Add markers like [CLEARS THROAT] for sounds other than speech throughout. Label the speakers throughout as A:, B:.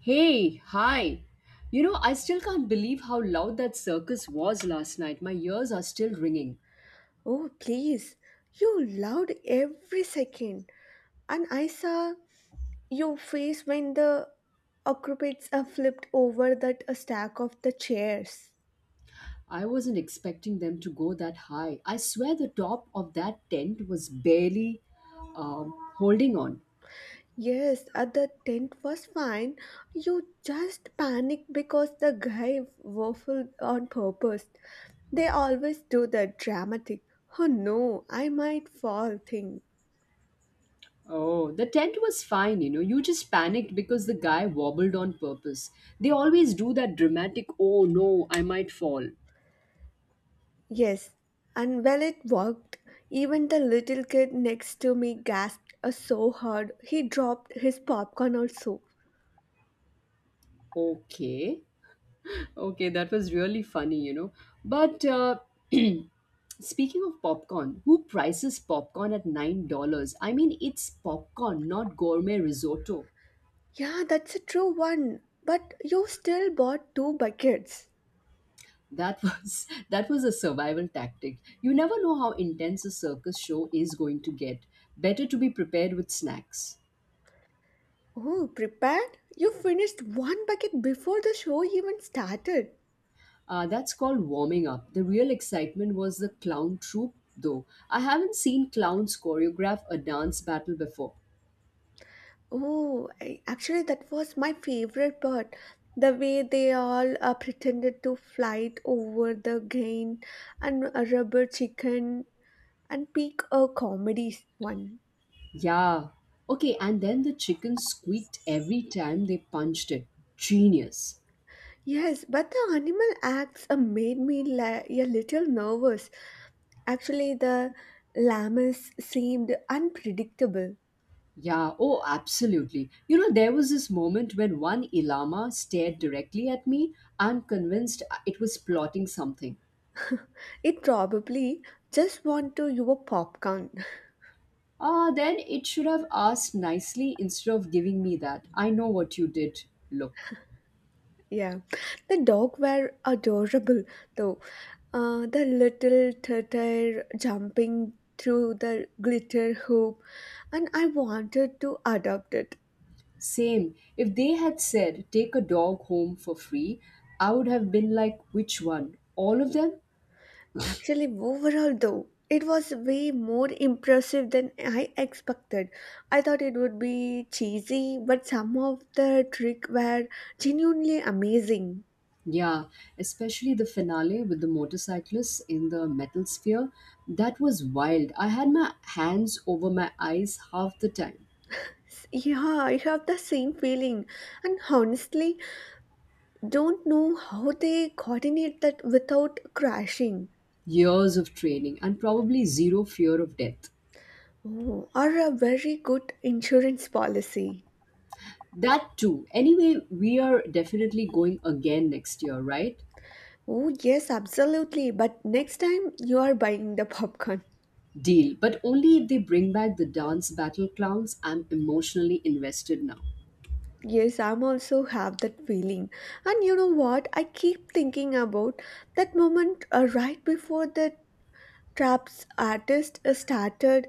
A: Hey, hi. You know, I still can't believe how loud that circus was last night. My ears are still ringing.
B: Oh, please. You loved every second. And I saw your face when the occupants flipped over that stack of the chairs.
A: I wasn't expecting them to go that high. I swear the top of that tent was barely holding on.
B: Yes, the tent was fine. You just panicked because the guy waffled on purpose. They always do that dramatic, oh no, I might fall thing.
A: Oh, the tent was fine, you know. You just panicked because the guy wobbled on purpose. They always do that dramatic, oh no, I might fall.
B: Yes, and well, it worked. Even the little kid next to me gasped so hard he dropped his popcorn also.
A: Okay. Okay, that was really funny, you know. But [CLEARS THROAT] speaking of popcorn, who prices popcorn at $9? I mean, it's popcorn, not gourmet risotto.
B: Yeah, that's a true one. But you still bought two buckets.
A: That was [LAUGHS] that was a survival tactic. You never know how intense a circus show is going to get. Better to be prepared with snacks.
B: Oh, prepared? You finished one bucket before the show even started.
A: That's called warming up. The real excitement was the clown troupe, though. I haven't seen clowns choreograph a dance battle before.
B: Oh, actually, that was my favorite part. The way they all pretended to fight over the grain and a rubber chicken and pick a comedy one.
A: Yeah. Okay, and then the chicken squeaked every time they punched it. Genius.
B: Yes, but the animal acts made me a little nervous. Actually, the llamas seemed unpredictable.
A: Yeah, oh, absolutely. You know, there was this moment when one Ilama stared directly at me. I'm convinced it was plotting something.
B: It probably just want to your popcorn.
A: Ah, then it should have asked nicely instead of giving me that. I know what you did. Look.
B: [LAUGHS] Yeah, the dog were adorable though. The little turtle jumping through the glitter hoop, and I wanted to adopt it.
A: Same. If they had said, take a dog home for free, I would have been like, which one? All of them?
B: Actually, overall, though, it was way more impressive than I expected. I thought it would be cheesy, but some of the tricks were genuinely amazing.
A: Yeah, especially the finale with the motorcyclists in the metal sphere. That was wild. I had my hands over my eyes half the time.
B: Yeah, I have the same feeling, and honestly, don't know how they coordinate that without crashing.
A: Years of training and probably zero fear of death.
B: Oh, or a very good insurance policy.
A: That too. Anyway, we are definitely going again next year, right?
B: Oh, yes, absolutely. But next time you are buying the popcorn.
A: Deal. But only if they bring back the dance battle clowns. I'm emotionally invested now.
B: Yes, I'm also have that feeling. And you know what? I keep thinking about that moment right before the trap's artist started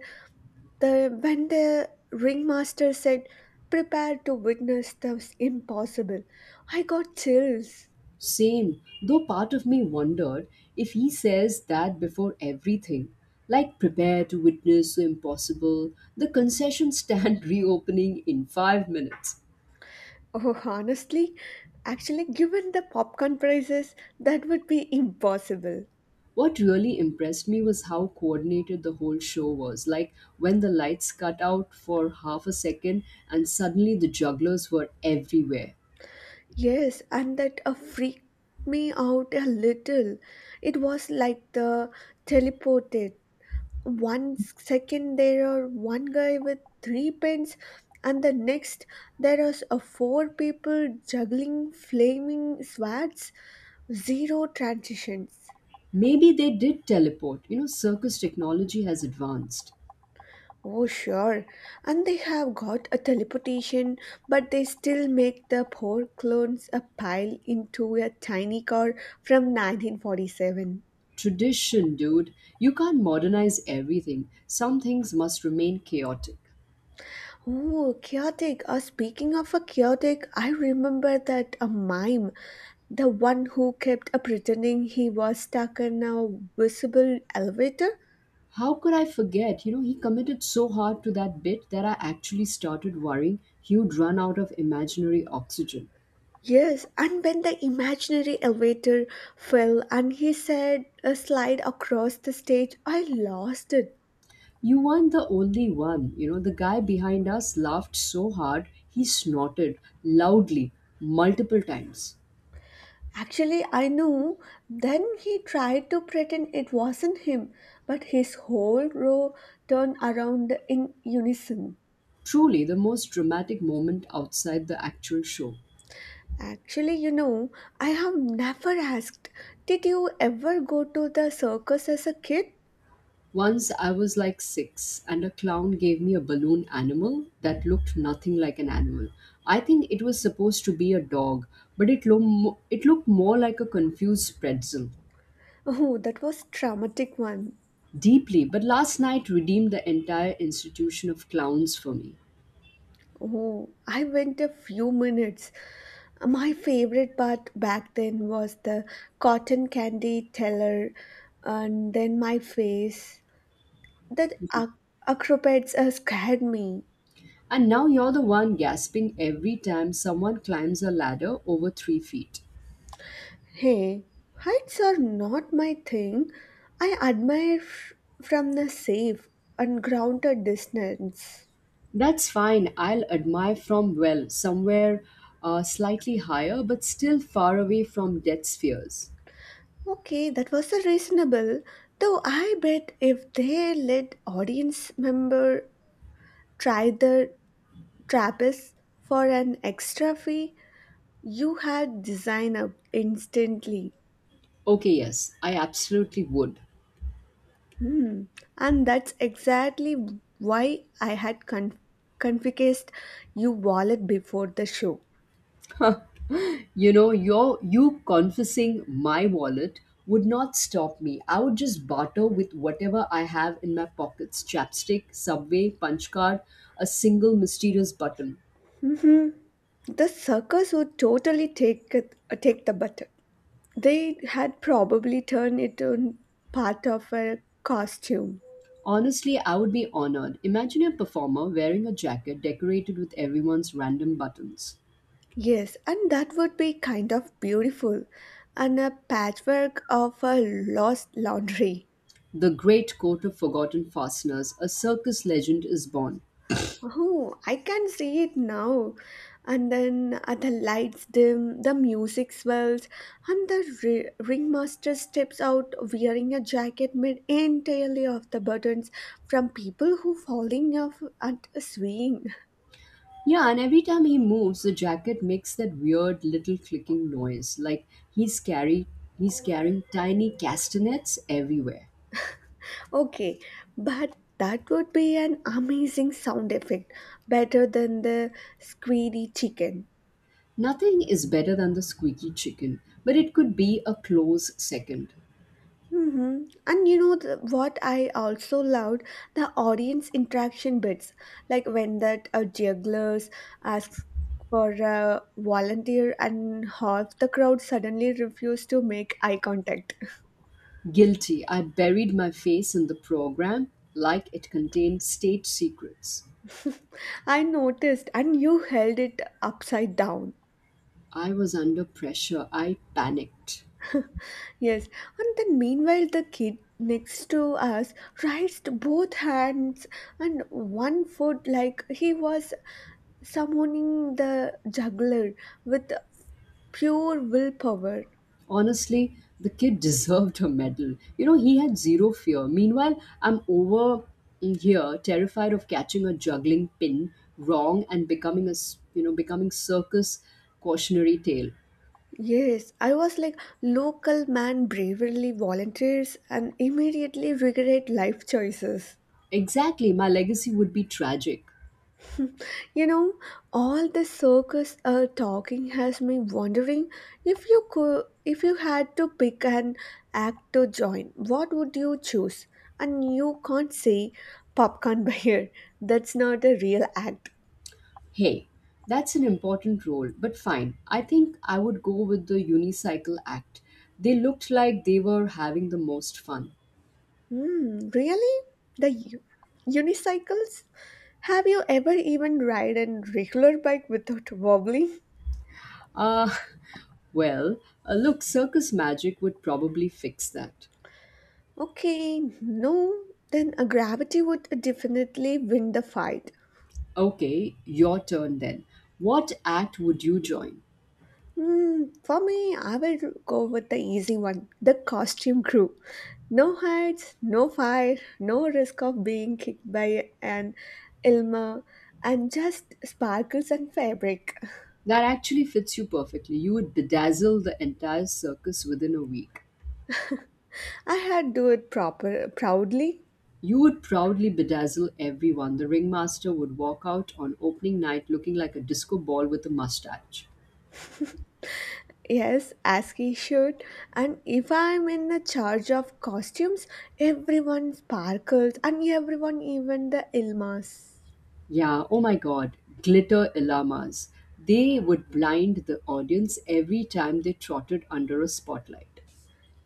B: the when the ringmaster said prepare to witness the impossible. I got chills.
A: Same, though part of me wondered if he says that before everything. Like, prepare to witness the impossible, the concession stand [LAUGHS] reopening in 5 minutes.
B: Oh, honestly, actually given the popcorn prices, that would be impossible.
A: What really impressed me was how coordinated the whole show was. Like, when the lights cut out for half a second and suddenly the jugglers were everywhere.
B: Yes, and that freaked me out a little. It was like the teleported. 1 second, there are one guy with three pens, and the next there are four people juggling flaming swords, zero transitions.
A: Maybe they did teleport. You know, circus technology has advanced.
B: Oh sure, and they have got a teleportation, but they still make the poor clones a pile into a tiny car from 1947.
A: Tradition, dude. You can't modernize everything. Some things must remain chaotic.
B: Oh, chaotic. Speaking of a chaotic, I remember that a mime, the one who kept pretending he was stuck in a visible elevator.
A: How could I forget? You know, he committed so hard to that bit that I actually started worrying he'd run out of imaginary oxygen.
B: Yes, and when the imaginary elevator fell and he said a slide across the stage, I lost it.
A: You weren't the only one. You know, the guy behind us laughed so hard he snorted loudly multiple times.
B: Actually, I knew. Then he tried to pretend it wasn't him, but his whole row turned around in unison.
A: Truly the most dramatic moment outside the actual show.
B: Actually, I have never asked, did you ever go to the circus as a kid?
A: Once I was like six, and a clown gave me a balloon animal that looked nothing like an animal. I think it was supposed to be a dog, but it, it looked more like a confused pretzel.
B: Oh, that was traumatic one.
A: Deeply, but last night redeemed the entire institution of clowns for me.
B: Oh, I went a few minutes. My favorite part back then was the cotton candy teller and then my face. That acrobats scared me.
A: And now you're the one gasping every time someone climbs a ladder over 3 feet.
B: Hey, heights are not my thing. I admire from the safe and grounded distance.
A: That's fine, I'll admire from well, somewhere slightly higher, but still far away from death's fears.
B: Okay, that was a reasonable. Though I bet if they let audience member try the trapeze for an extra fee, you had design up instantly.
A: Okay, yes, I absolutely would.
B: Hmm. And that's exactly why I had confiscated your wallet before the show.
A: You know, you confessing my wallet would not stop me. I would just barter with whatever I have in my pockets chapstick, subway, punch card, a single mysterious button.
B: Hmm. The circus would totally take it, take the butter. They had probably turned it on part of a costume.
A: Honestly, I would be honored. Imagine a performer wearing a jacket decorated with everyone's random buttons.
B: Yes, and that would be kind of beautiful and a patchwork of a lost laundry.
A: The great coat of forgotten fasteners, a circus legend is born.
B: Oh, I can see it now. And then the lights dim, the music swells, and the ringmaster steps out wearing a jacket made entirely of the buttons from people who falling off at a swing.
A: Yeah, and every time he moves, the jacket makes that weird little clicking noise, like he's carry he's carrying tiny castanets everywhere.
B: Okay, but that would be an amazing sound effect, better than the squeaky chicken.
A: Nothing is better than the squeaky chicken, but it could be a close second.
B: And you know what I also loved the audience interaction bits, like when that jugglers asks for a volunteer and half the crowd suddenly refused to make eye contact.
A: Guilty, I buried my face in the program like it contained state secrets.
B: [LAUGHS] I noticed, and you held it upside down.
A: I was under pressure, I panicked.
B: Yes, and then meanwhile the kid next to us raised both hands and one foot like he was summoning the juggler with pure willpower.
A: Honestly, the kid deserved a medal. You know, he had zero fear. Meanwhile, I'm over here terrified of catching a juggling pin wrong and becoming a, becoming circus cautionary tale.
B: Yes, I was like, local man bravely volunteers and immediately regret life choices.
A: Exactly, my legacy would be tragic.
B: You know, all this circus talking has me wondering if you had to pick an act to join, what would you choose? And you can't say popcorn [LAUGHS] buyer. That's not a real act.
A: Hey, that's an important role, but fine. I think I would go with the unicycle act. They looked like they were having the most fun.
B: Hmm, really? The unicycles? Have you ever even ride a regular bike without wobbling?
A: Ah, [LAUGHS] well, look, circus magic would probably fix that.
B: Okay, no, then a gravity would definitely win the fight.
A: Okay, your turn then. What act would you join?
B: Hmm, for me, I will go with the easy one, the costume crew. No heights, no fire, no risk of being kicked by an Ilma, and just sparkles and fabric. [LAUGHS]
A: That actually fits you perfectly. You would bedazzle the entire circus within a week.
B: I had do it proper proudly.
A: You would proudly bedazzle everyone. The ringmaster would walk out on opening night looking like a disco ball with a mustache.
B: Yes, as he should. And if I'm in the charge of costumes, everyone sparkles and everyone, even the Ilmas.
A: Yeah, oh my god, glitter llamas. They would blind the audience every time they trotted under a spotlight.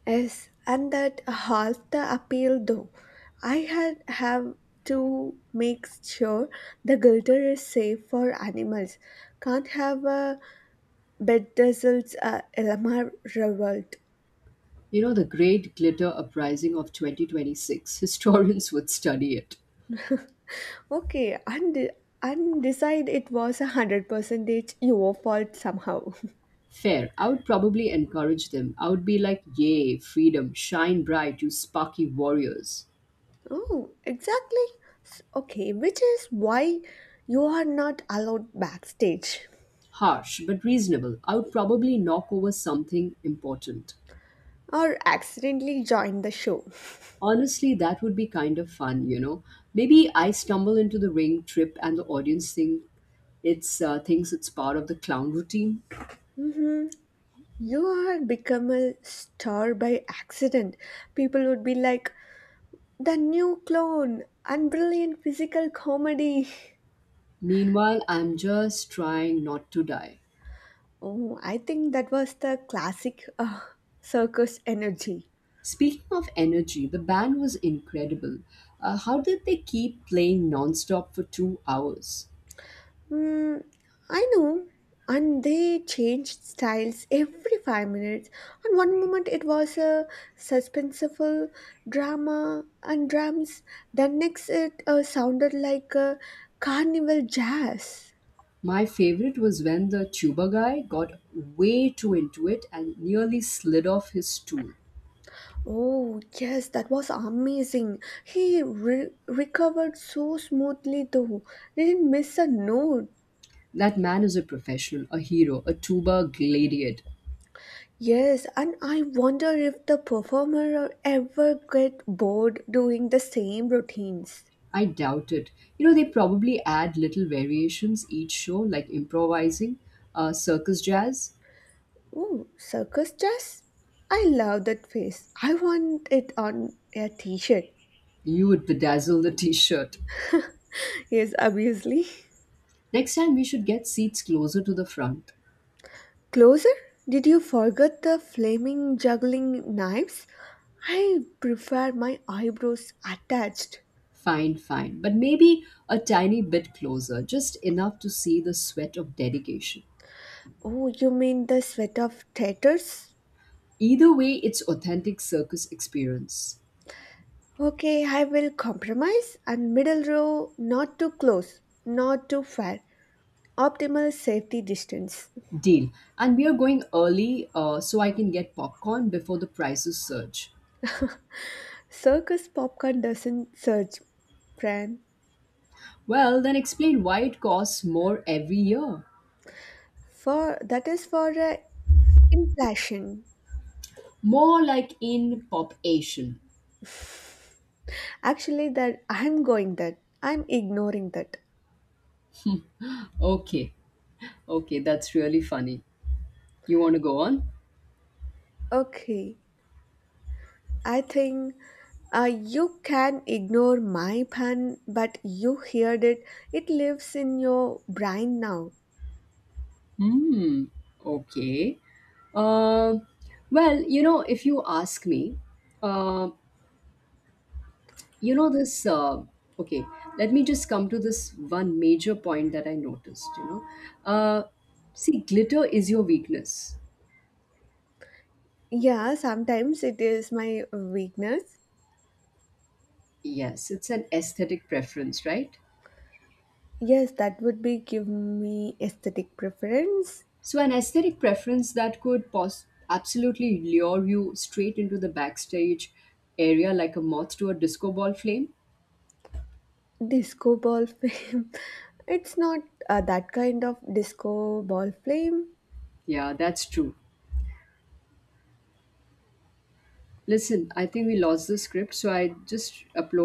B: Yes, and that half the appeal though. I had have to make sure the glitter is safe for animals. Can't have a bedazzled Ilma revolt.
A: You know, the great glitter uprising of 2026. [LAUGHS] Historians would study it.
B: Okay, and decide it was 100 percentage your fault somehow.
A: Fair. I would probably encourage them. I would be like, yay, freedom, shine bright, you sparky warriors.
B: Oh, exactly. Okay, which is why you are not allowed backstage
A: Harsh, but reasonable. I would probably knock over something important.
B: or accidentally join the show.
A: Honestly, that would be kind of fun, you know. Maybe I stumble into the ring trip and the audience thing it's thinks it's part of the clown routine.
B: hmm You are become a star by accident. People would be like, the new clone and brilliant physical comedy. [LAUGHS]
A: Meanwhile, I'm just trying not to die.
B: Oh, I think that was the classic circus energy.
A: Speaking of energy, the band was incredible. How did they keep playing nonstop for 2 hours?
B: Mm, I know. And they changed styles every 5 minutes. And one moment it was a suspenseful drama and drums. Then next it sounded like a carnival jazz.
A: My favorite was when the tuba guy got way too into it and nearly slid off his stool.
B: Oh yes, that was amazing. He recovered so smoothly though. Didn't miss a note.
A: That man is a professional, a hero, a tuba gladiator.
B: Yes, and I wonder if the performer ever get bored doing the same routines.
A: I doubt it. You know, they probably add little variations each show, like improvising, circus jazz.
B: Ooh, circus dress? I love that face. I want it on a t-shirt.
A: You would bedazzle the [LAUGHS] t shirt.
B: Yes, obviously.
A: Next time, we should get seats closer to the front.
B: Closer? Did you forget the flaming juggling knives? I prefer my eyebrows attached.
A: Fine, fine. But maybe a tiny bit closer, just enough to see the sweat of dedication.
B: Oh, you mean the sweat of tatters?
A: Either way, it's authentic circus experience.
B: Okay, I will compromise and middle row not too close, not too far. Optimal safety distance.
A: Deal. And we are going early so I can get popcorn before the prices surge.
B: Circus popcorn doesn't surge, friend.
A: Well, then explain why it costs more every year.
B: For that is for inflation.
A: More like in pop Asian.
B: Actually, that I'm ignoring that.
A: Okay, okay, that's really funny. You want to go on?
B: Okay, I think uh, you can ignore my pun, but you heard it. It lives in your brain now.
A: Hmm, okay. Uh, well, you know, if you ask me, uh, you know this okay let me just come to this one major point that I noticed, you know. uh, see, glitter is your weakness.
B: Yeah, sometimes it is my weakness.
A: Yes, it's an aesthetic preference, right?
B: Yes, that would be give me aesthetic preference.
A: So an aesthetic preference that could absolutely lure you straight into the backstage area like a moth to a disco ball flame.
B: Disco ball [LAUGHS] flame. It's not that kind of disco ball flame.
A: Yeah, that's true. Listen, I think we lost the script, so I just uploaded